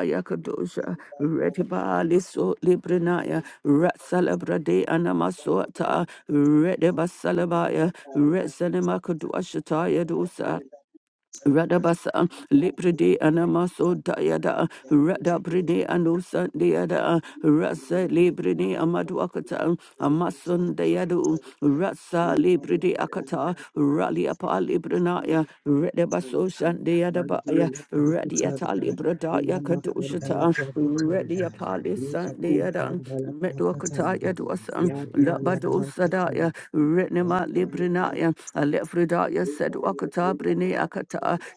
you. Kadosha, Retibali Makuta, So Librinaya, Ratsalabrade Anamasuata, Redebasalabaya, Resanima Kadwashataya Radabasa, Lipride Anamaso Dayada, Radabride Anusa Deada, Rasa Libride Amaduakata, Amasun Dayadu, Rasa Libride Akata, Raliapa Libranaya, Thank Redabaso you. Shandeadabaya, Mandela Radiata Pakutanda, Libradaya Ila makanda la Kadushata, prakatanda, Radiapa lipa Lisandeada, kutanda la Metuakata pakatandi, Yaduasan. Yam, yada la Labado Sadaya, makatanda, Renema yada la Librinaya, makatanda, Alefridaya lipa said yada Wakata la Brine Akata, pakatanda,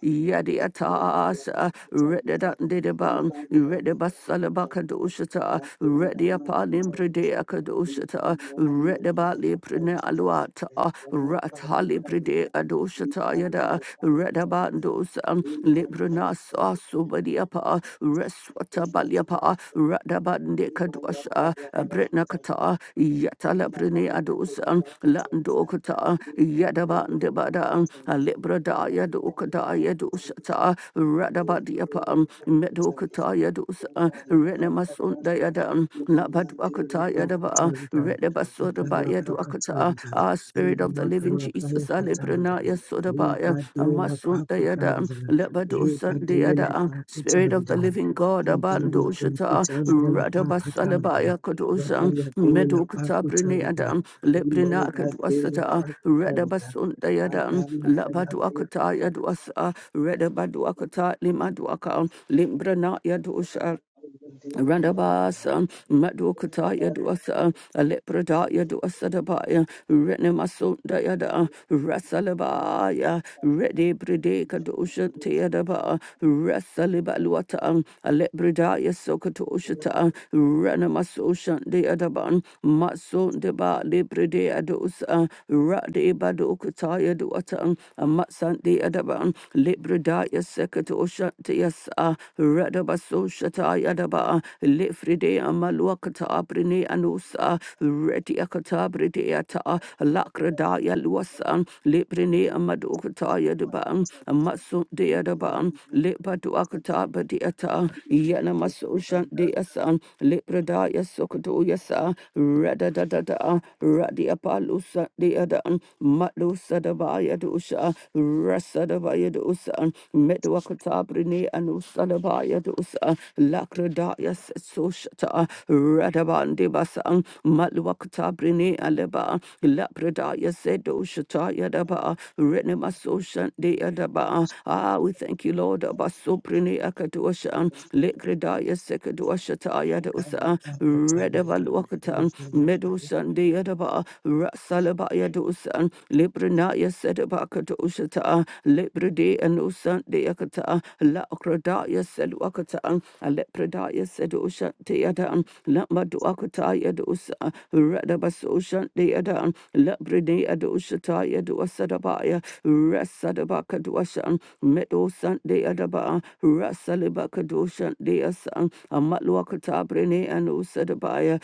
yada la Yadiatas, pakatanda, Redadan Didaban, lipa yada la pakatanda, Redabasalabakadoshata, yada la Rediapalim makatanda, Bridea lipa Kadoshata, yada la Redabali pakatanda, Brine Aluata, yada la pakatanda, lipa yada la Ratali Bride Adoshata Yada, pakatanda, Redabandos, lipa yada la Librina pakatanda. Subadiapa, Reswata Baliapa, Radabande Kaduasha, Bretna Kata, Yatala Brene Adosan, Lando Kata, yadaban Yadabande Badan, Libradaya Dokadaya Dosata, Radabadiapa, Thank you. Medokataya Thank Dosa, you. Renemasunda Yadan, Labadwakata Yadaba, Renebasoda Bayadwakata, Ah, Spirit of the Living Jesus, Alebranaya Sodabaya, Amasundayada, Lebado Sundayada, Spirit of the Living God, Abando Shata, Radabasalabaya Kodosa, Medokata Brineada, Lebrinaka Dwasata, Radabasundayada, Labaduakata Yadwasa, Redabaduakata Limaduaka, Limbranaya Thank Dosha, Randabasa, Madukataya dosa, Alepradaya dosa dabaya, Renemasunda yada, Rasalabaya, Rede Bredeka dosha teadaba, Rasalibaluata, Alepradaya sokatoshata, Renemasosha deadaban, Matsun deba libredea dosa, Rade badukataya doata, Matsan deadaban, Libredaya sekatosha teasa, Radabaso Shata Yadaba, Lefride Amaluakata Brine Anusa, Retiakata Brideata, Lakrada Yaluasan, Lebrine Amadokata Yadaba, Amasu Deadaba, Lepaduakata Badiata, Yanamaso Shandeasan, Leprada Yasokato Yasa, Radadada, Radiapalusa Deadan, Matlusadabaya Dusha, Rasadabaya Dusan, Medwakata Brine and Usalabaya Dosa, Lakradaya Soshata, Radabandi Basang, Malwakata Brine Aleba, Lapradaya Sedoshata Yadaba, Renemasoshan De Adaba. Ah, we thank you, Lord, Abasoprine Akadoshan, Lekradaya Sekadoshata Yadosa, Redavalwakatan, Medoshan De Adaba, Rasalabaya Dosan, Librinaya Kadoshata, Lebrede and Usan Deakata, La Okradaya Seluakata, Alepredaya Sedosha Deadan, Lamaduakataya Dosa, Radabasosha Deadan, Lebrede Adoshataya Dosadabaya, Rasadabaka Doshan, Medo Sunday Adaba, Rasalibaka Doshan Deasan, Amatluakata Brene and Usadabaya,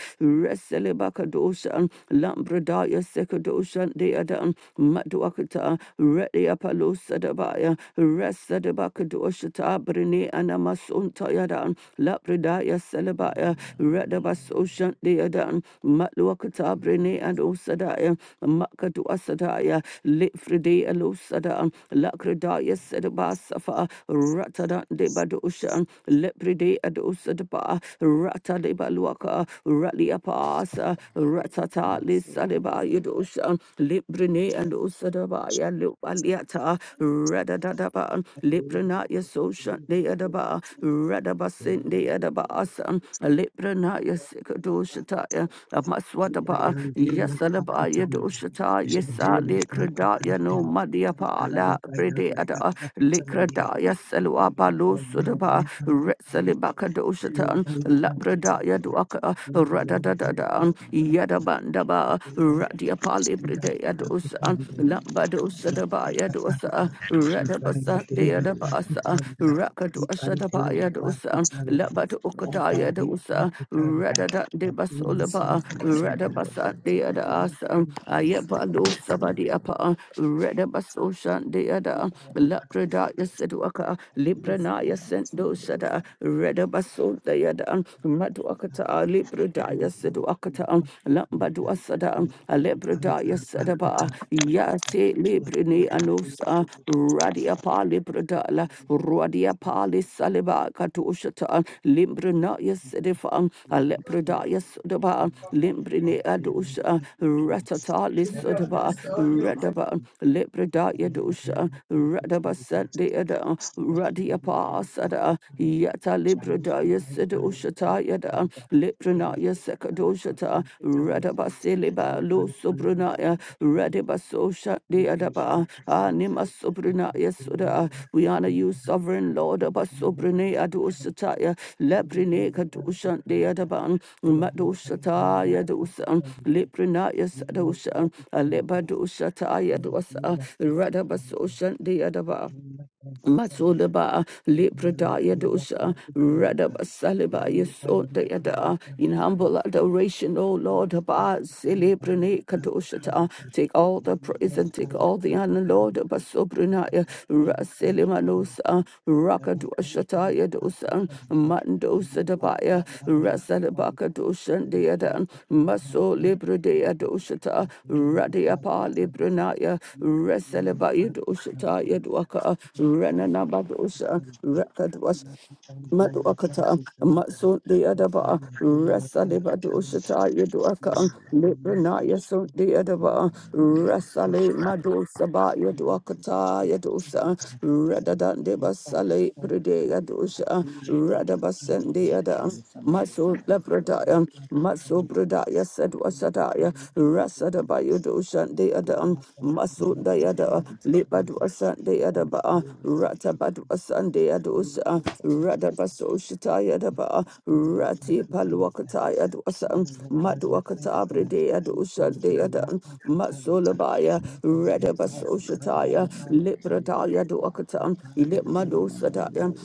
Rasalibaka Doshan, Lambredaya Sekadoshan de adam maduakata ready apalo sadabaya resadabaka doshata brene anamasunta yadan labridaya salabaya redabaso shante yadan matluakata brene adosadaya makaduasadaya litfride alosada lakridaya sedabasafa ratada de badoshan lepride adosada rata de baluaka rally apasa rata Tata Lisadeba Yedoshan Librene and Usadaba Yalupaliata Radadadaba Librena Yasoshan Deadaba you. Radabasin Thank Deadaba you. Asan Librena Yasikadoshataya Amaswadaba Yasalaba Yedoshata Yesa Likradaya no Madiapa La Bredeada Likradaya Salwa Balo Sudaba Retsalibaka Doshatan Labradaya Duaka Yadaba, Radadadada, Yadabandaba, Radia Palibride Yadosa, Lambadosa Dabaya Dosa, Radabasa Deadabasa, Thank you. Rakadosa Ipantela Dabaya Dosa, pakutanda Labat Okataya adambi Dosa, pakutanda Radada yapela Debasolaba, pakutanda Radabasa imayanda Deadasa, la pakutanda ipantela Ayabalo Sabadiapa, radabasoshan Deada, pakutanda ipantela Lapreda Yaseduaka, Lipranaya pakutanda Sendosa, da yada um, madu ipantela pakutanda akata libra da ya sedu ila akata lamba du pakutanda, asada libra da ba ya se la libra ni anusa radia pa libra lapakutanda radia pa li saliba katushata libra na ya sedefa libra da ba libra ni adusha ratata li sada ba Masuka, radaba libra da dusha radaba sadi ada radia Sada, Yata Libradaya Sedoshata Yada, Lipranaya Sekadoshata, Radabasiliba, Lo Sobranaya, Radabasosha de adaba Anima Sobranaya Suda. We honor you, Sovereign Lord, Abasobrane Adoshataya, Thank Lebrine Kadoshan Deadaban, Madoshataya Dosan, Lipranaya Sadoshan, Alebadoshataya Dosa, Radabasoshan adaba. Matsulaba Librada Yadosa Radaba Saliba Yasota Yada in humble you. adoration, O Thank Lord Abba Celebrine Kadoshata. Take all the praise and take all the honor, Lord Abba Sobrinaya Raselimanosa Rakadoshata Yadosa Mandosa Dabaya Rasalabaka Doshan Deadan Maso Librade Adoshata Radiapa Librinaya Reseleba Yedoshata Yedwaka Renanabadosha Rekadwash Maduakata, Matsun de Adaba, Rasa de you. Badushata, Thank Yaduaka, Lipranaya Sun de Adaba, Masuka Rasale Madusaba, Yaduakata, Yadusa, Radadan de Basale, Prede Yadusha, Radabasen de Adam. Maso Labradaya, Maso you. Bradaya said Wasadaya, Rasada Bayudushan de Adam, Maso Dayada, Libaduasan de Adaba, Ratabaduasan de Adusa, Radabaso Shataya Daba, Rati Paluakataya Duasan, Thank Maduakatabri de Adusa de Adam, Maso Labaya, Radabaso Shataya, Libradaya Duakatan, Lipmadosadaya,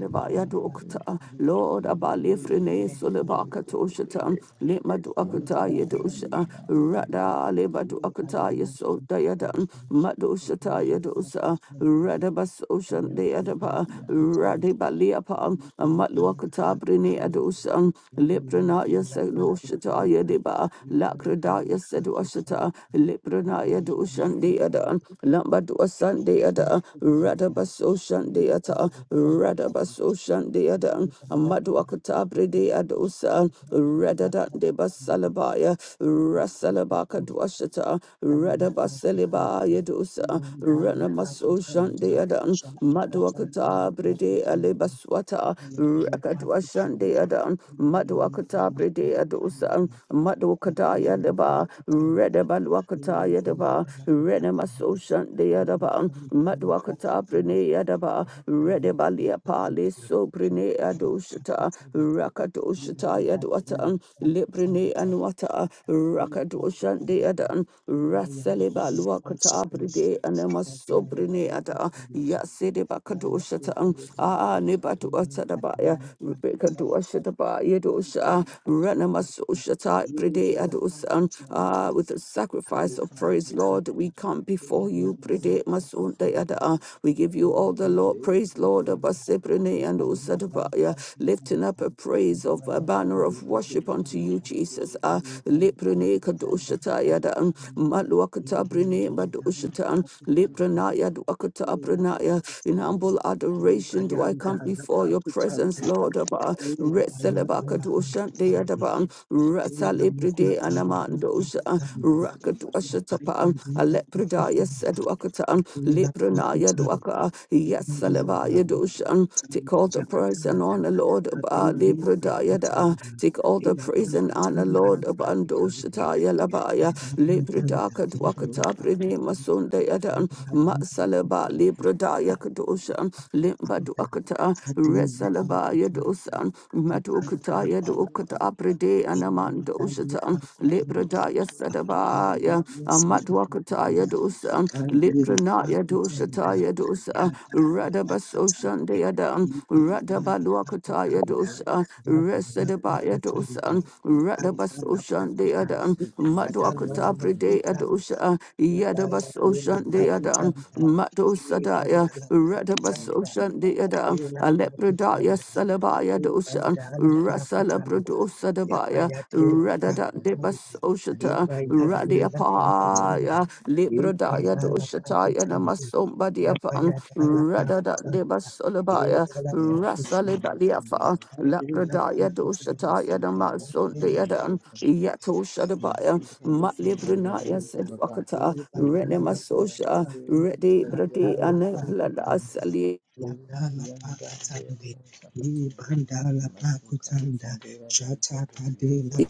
Salibaya Dokta, Lord Abali Frene Solibaka Toshata, Lima Duakata Yedosha, Rada Liba Duakata Yasota Yadan, Madoshata Yadosa, you. Radabas Ocean De Bayati Adaba, Napankutuka, Radibaliapa, Ibarihan Matluakata Brine Pakutuka, Adosan, Yabayanti Lipranaya Sedoshata Napankutanta, Yediba, Ibandan Lakradaya Sedoshata, Pakutanta, Lipranaya Yabayan Doshan De Adan, Mukutanta, Lamba Dosan Abakan De Ada, Pakutanta, Radabaso Ibadan Shandeata, Pakutanta, Radabaso Shandeada, Ibandan Amadwakata Pakutanta, de Adosa, Radada Yabayan de Pakutanta, Basalabaya, Rasalabaka Yapakutanta, Dwashata, Mandala Paka Radabaseleba Sandi, Yadosa, Mandala Paka Ranamaso Sanda, Shandeada, Shaika Sandala Madwakata Paka Brede Sandi, Alebaswata, Abhayagala Paka Sandi, Rakadwashandeada, Madwakata Imayandala Brede Paka Sandi, Adosa, Abhayagala Madwakataya Paka Deba, Sandi, Redabalwakataya Imayagala Deba, Paka Sandi, Renamaso Shandi Adaba, Imayandala Paka Madwakata Sandi, Brine Adaba, Thank Redebalia Pali Sobrine Adoshata, Rakadoshata Yadwata, Librine Anwata, Rakadoshandi Adan, Rasaliba Luakata Bride Anema Sobrine Ada, Yasideba Kadoshata, Ah Nebatuatadabaya, Rebecca Duashadaba Yadosha, Ranama Soshata Bride Adosan, you. Ah, with the sacrifice Hana sacrifice of praise, Lord. Bhaktivinoda We come before you. Umayandana Prede Bhaktivinoda Bhaktivinoda masunda Bhaktivinoda yada. ah. We give you Bhaktivinoda all the Lord praise, Lord. Bhaktivinoda Abasebrene and Umayandana Bhaktivinoda usadabaya. Bhaktivinoda Bhaktivinoda Bhaktivinoda Lifting up a praise of Umayandana a banner of worship unto you, Jesus. Ah, Leprene Bhaktivinoda kadoshata Bhaktivinoda Bhaktivinoda Umayandana yada. um, Maluakata brene madoshata. um, Leprena yaduakata abrenaya. In humble adoration do I come before your Bhaktivinoda presence, Lord. Abba. Bhaktivinoda Retselebakadosha Bhaktivinoda deyadaba. Thank um, Lepride Anamandosa, Rakadwashatapa, Alepridaya Sedwakatan, Leprinaya you. Dwaka, Thank Yasalevaya Doshan. Take all the praise and honor, Lord, about Lepridaya da. uh, Take all the praise and honor, Lord, about Doshataya Labaya, Lepridaka Dwakata, Brine Masundaya Dan, Matsalaba, Lepridaya Kadoshan, Limba Dwakata, Resalabaya Dosan, Matukataya do ukata aprede anamando ushatan lepradaya Masuka sadabaya amatwakataya dosan litranaya you. doshataya dosa Yadala Pakatande, radabasoshandeyadan Ibandala radabalwakataya Pakutanda, dosa Yadala resadabaya Pakatande, dosan Ibandala radabasoshandeyadan Pakutande, Badala matwakata aprede Makutanda, adosa Yadaya Lena yadabasoshandeyadan Pakutanda, madosadaya Ibandala Pakutanda, radabasoshandeyadan Adela Pakutanda, Salabaya dosa, Ibandala Rasala Pakutanda, Brodosa Dabaya, Yabaya Dela Radada Pakutanda, Debas Oshata, Ibandala Pakutanda, Radiapaya, Librodaya Ibandala Doshataya Pakutanda, Namasomba ya pa Diapan, ya Radada Debas Eh, Solabaya, da la pa fu sa ri ya Rasalibadiafa, Lapradaya Doshataya Namason E Yapa Deadan, Yato Shadabaya, Yadala Matlibrinaya said Wakata, Renemasosha, Redi Bradi and Blada Sali. Rukianda leo Musakatea Masuka le Sandura Raita Burianda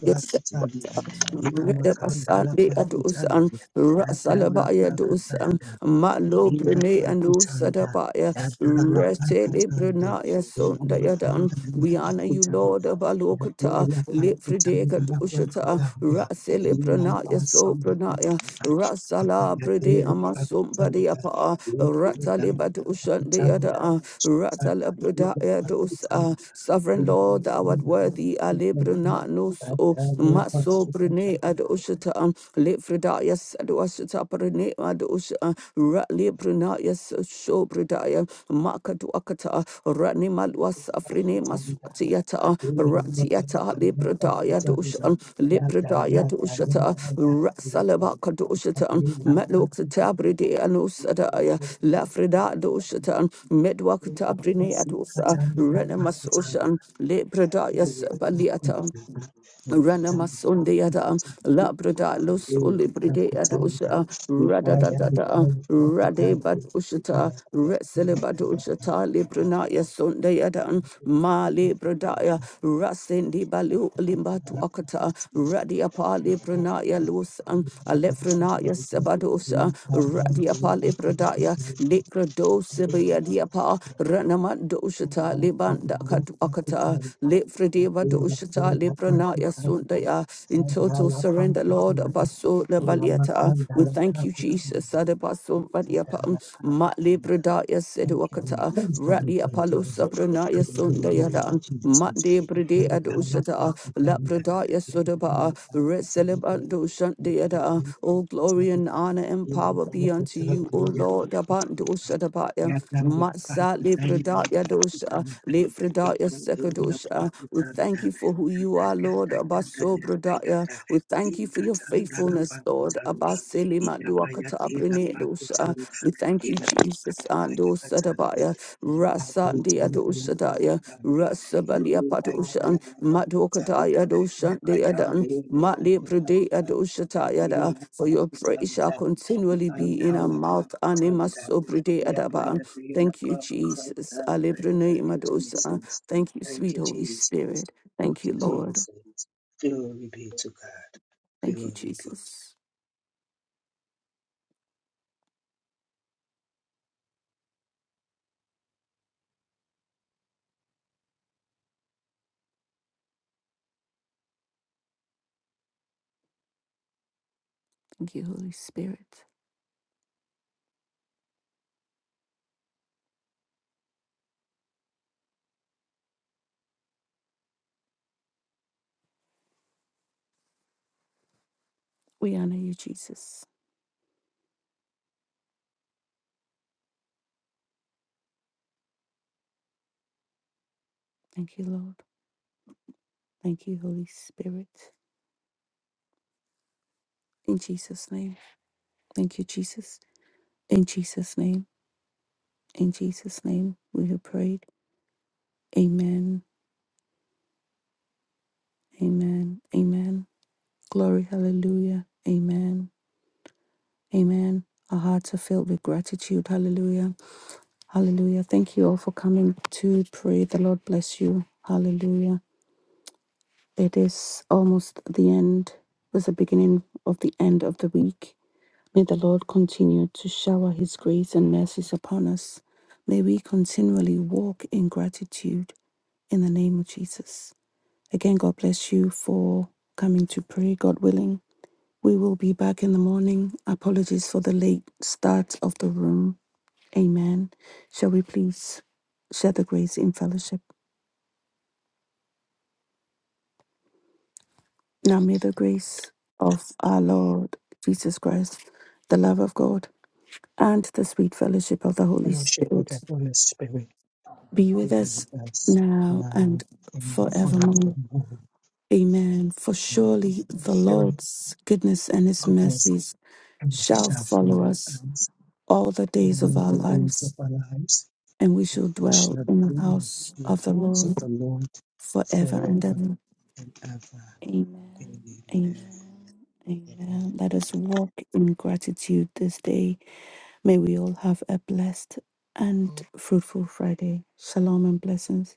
Reda Basandi Adusan, Rasalabaya Dusan, Malo Brene and Usadabaya, Retele Brenaya Sundayadan. We honor you, Lord of Alokata, Lifrideka Dushata, Rasele Ela Brenaya So pasida Brenaya, pasida, Rasala Brede apanhadeira Amasum patizada, Badiapa, verdade Rataliba Dushan patizada, Deada, chuta Ratala cadeira Bredaya Dusa, patizada, Sovereign ele Lord, thou art amanda worthy, Ale patizada, Brenano. Ado badada maso pasucata, brene ad ushata um le fridaya sad ushata brene ad usha ratli brunaya so bredaya makadu akata ratni malwas afrine patizada, maswatiata padeira ratiata le macana bredaya patizada, dusha le Yada bredaya yada yada dushata yada yada. rasalaba kadushata cadeira matlukta brede anusadaya la frida patizada, dushata Thank medwakta brene adusa ranamasosha le bredaya sabaliata Ranama Sunday at Labrada Los Ulibride at Usha Radadata Rade Bad Ushata Resele Bad Ushata Libranaya Sunday at Ma Libradaya Rasindi Balu Limba to Akata Radiapa Libranaya Lus Alefranaya Sabadosa Radiapa Libradaya Likradosa Biadiapa, you. Ranamandoshata, Libanda Katuakata, Lifredeva Doshata, Libranaya Sundaya. In total surrender, Lord, Abaso Labaliata. We thank you, Jesus, Adabaso Badiapa, Thank Mat you. Libradaya Thank you, Lord. Seduakata, Thank you, Lord. Radia Thank you, Lord. Palusa To Branaya the Lord of Sundaya, Mat Jesus. The God Debrede of our love, Adoshata. our Father, Labradaya the God of our Sudaba, love, our Red Father, the Celebando God of our Shandiada. love, our All glory Father, and honor and the power God of be our unto Father, you, O the God of Lord. our Abando Father. Shadabaya, Ya Rabbi, apa Matsa kata ini? Libradaya Apa kata Dosha, mana? Kita Libradaya tidak Sekadosha. berapa We thank tanda. you for who Ya you are, tanda, Lord. tanda, Abaso tanda, Bradaya. tanda. We thank you for Ingat your tanda, faithfulness, Lord. Abasele Maduakata Abrine Dosha. We thank you, Jesus. Karapa Ando yakatsambe Sadabaya, Rasa Dia yaapakutsamba Dosadaya. yakakutsambe Rasabalia yenyika yanga Patoshan, yapakutsamba Matokataya Doshan yakayambe Deadan, Matli Pradea yapakutsamba yade Doshatayada, for your praise shall yapakutsamba continually be ikanda in our mouth, lapakutsamba Animaso Predeadaban. yapayade Thank you, yapakutsamba Jesus. Alebrene thank you Madosa. jesus Thank you, thank sweet you Holy jesus Spirit. thank Thank you, you Lord. jesus glory be to god Thank you, glory be Jesus. Thank you, Holy Spirit. We honor you, Jesus. Thank you, Lord. Thank you, Holy Spirit. In Jesus' name. Thank you, Jesus. In Jesus' name. In Jesus' name we have prayed. Amen. Amen. Amen. Glory. Hallelujah. Amen. Amen. Our hearts are filled with gratitude. Hallelujah. Hallelujah. Thank you all for coming to pray. The Lord bless you. Hallelujah. It is almost the end. It was the beginning of the end of the week. May the Lord continue to shower his grace and mercies upon us. May we continually walk in gratitude in the name of Jesus. Again, God bless you for coming to pray, God willing. We will be back in the morning. Apologies for the late start of the room. Amen. Shall we please share the grace in fellowship? Now may the grace of our Lord Jesus Christ, the love of God, and the sweet fellowship of the to Holy worship god the Spirit holy spirit be with being us with us now now and and forevermore. forevermore. Amen. For Amen. surely the Surely Lord's goodness and his goodness mercies and mercy shall shall follow follow us us all the days of all our the days of lives, our lives. and we shall We dwell shall in dwell the house in the of the house of Lord the Lord forever and forever ever. and ever. Amen. Amen. Amen. Amen. Amen. Let us walk in gratitude this day. May we all have a blessed and fruitful Friday. Shalom and blessings.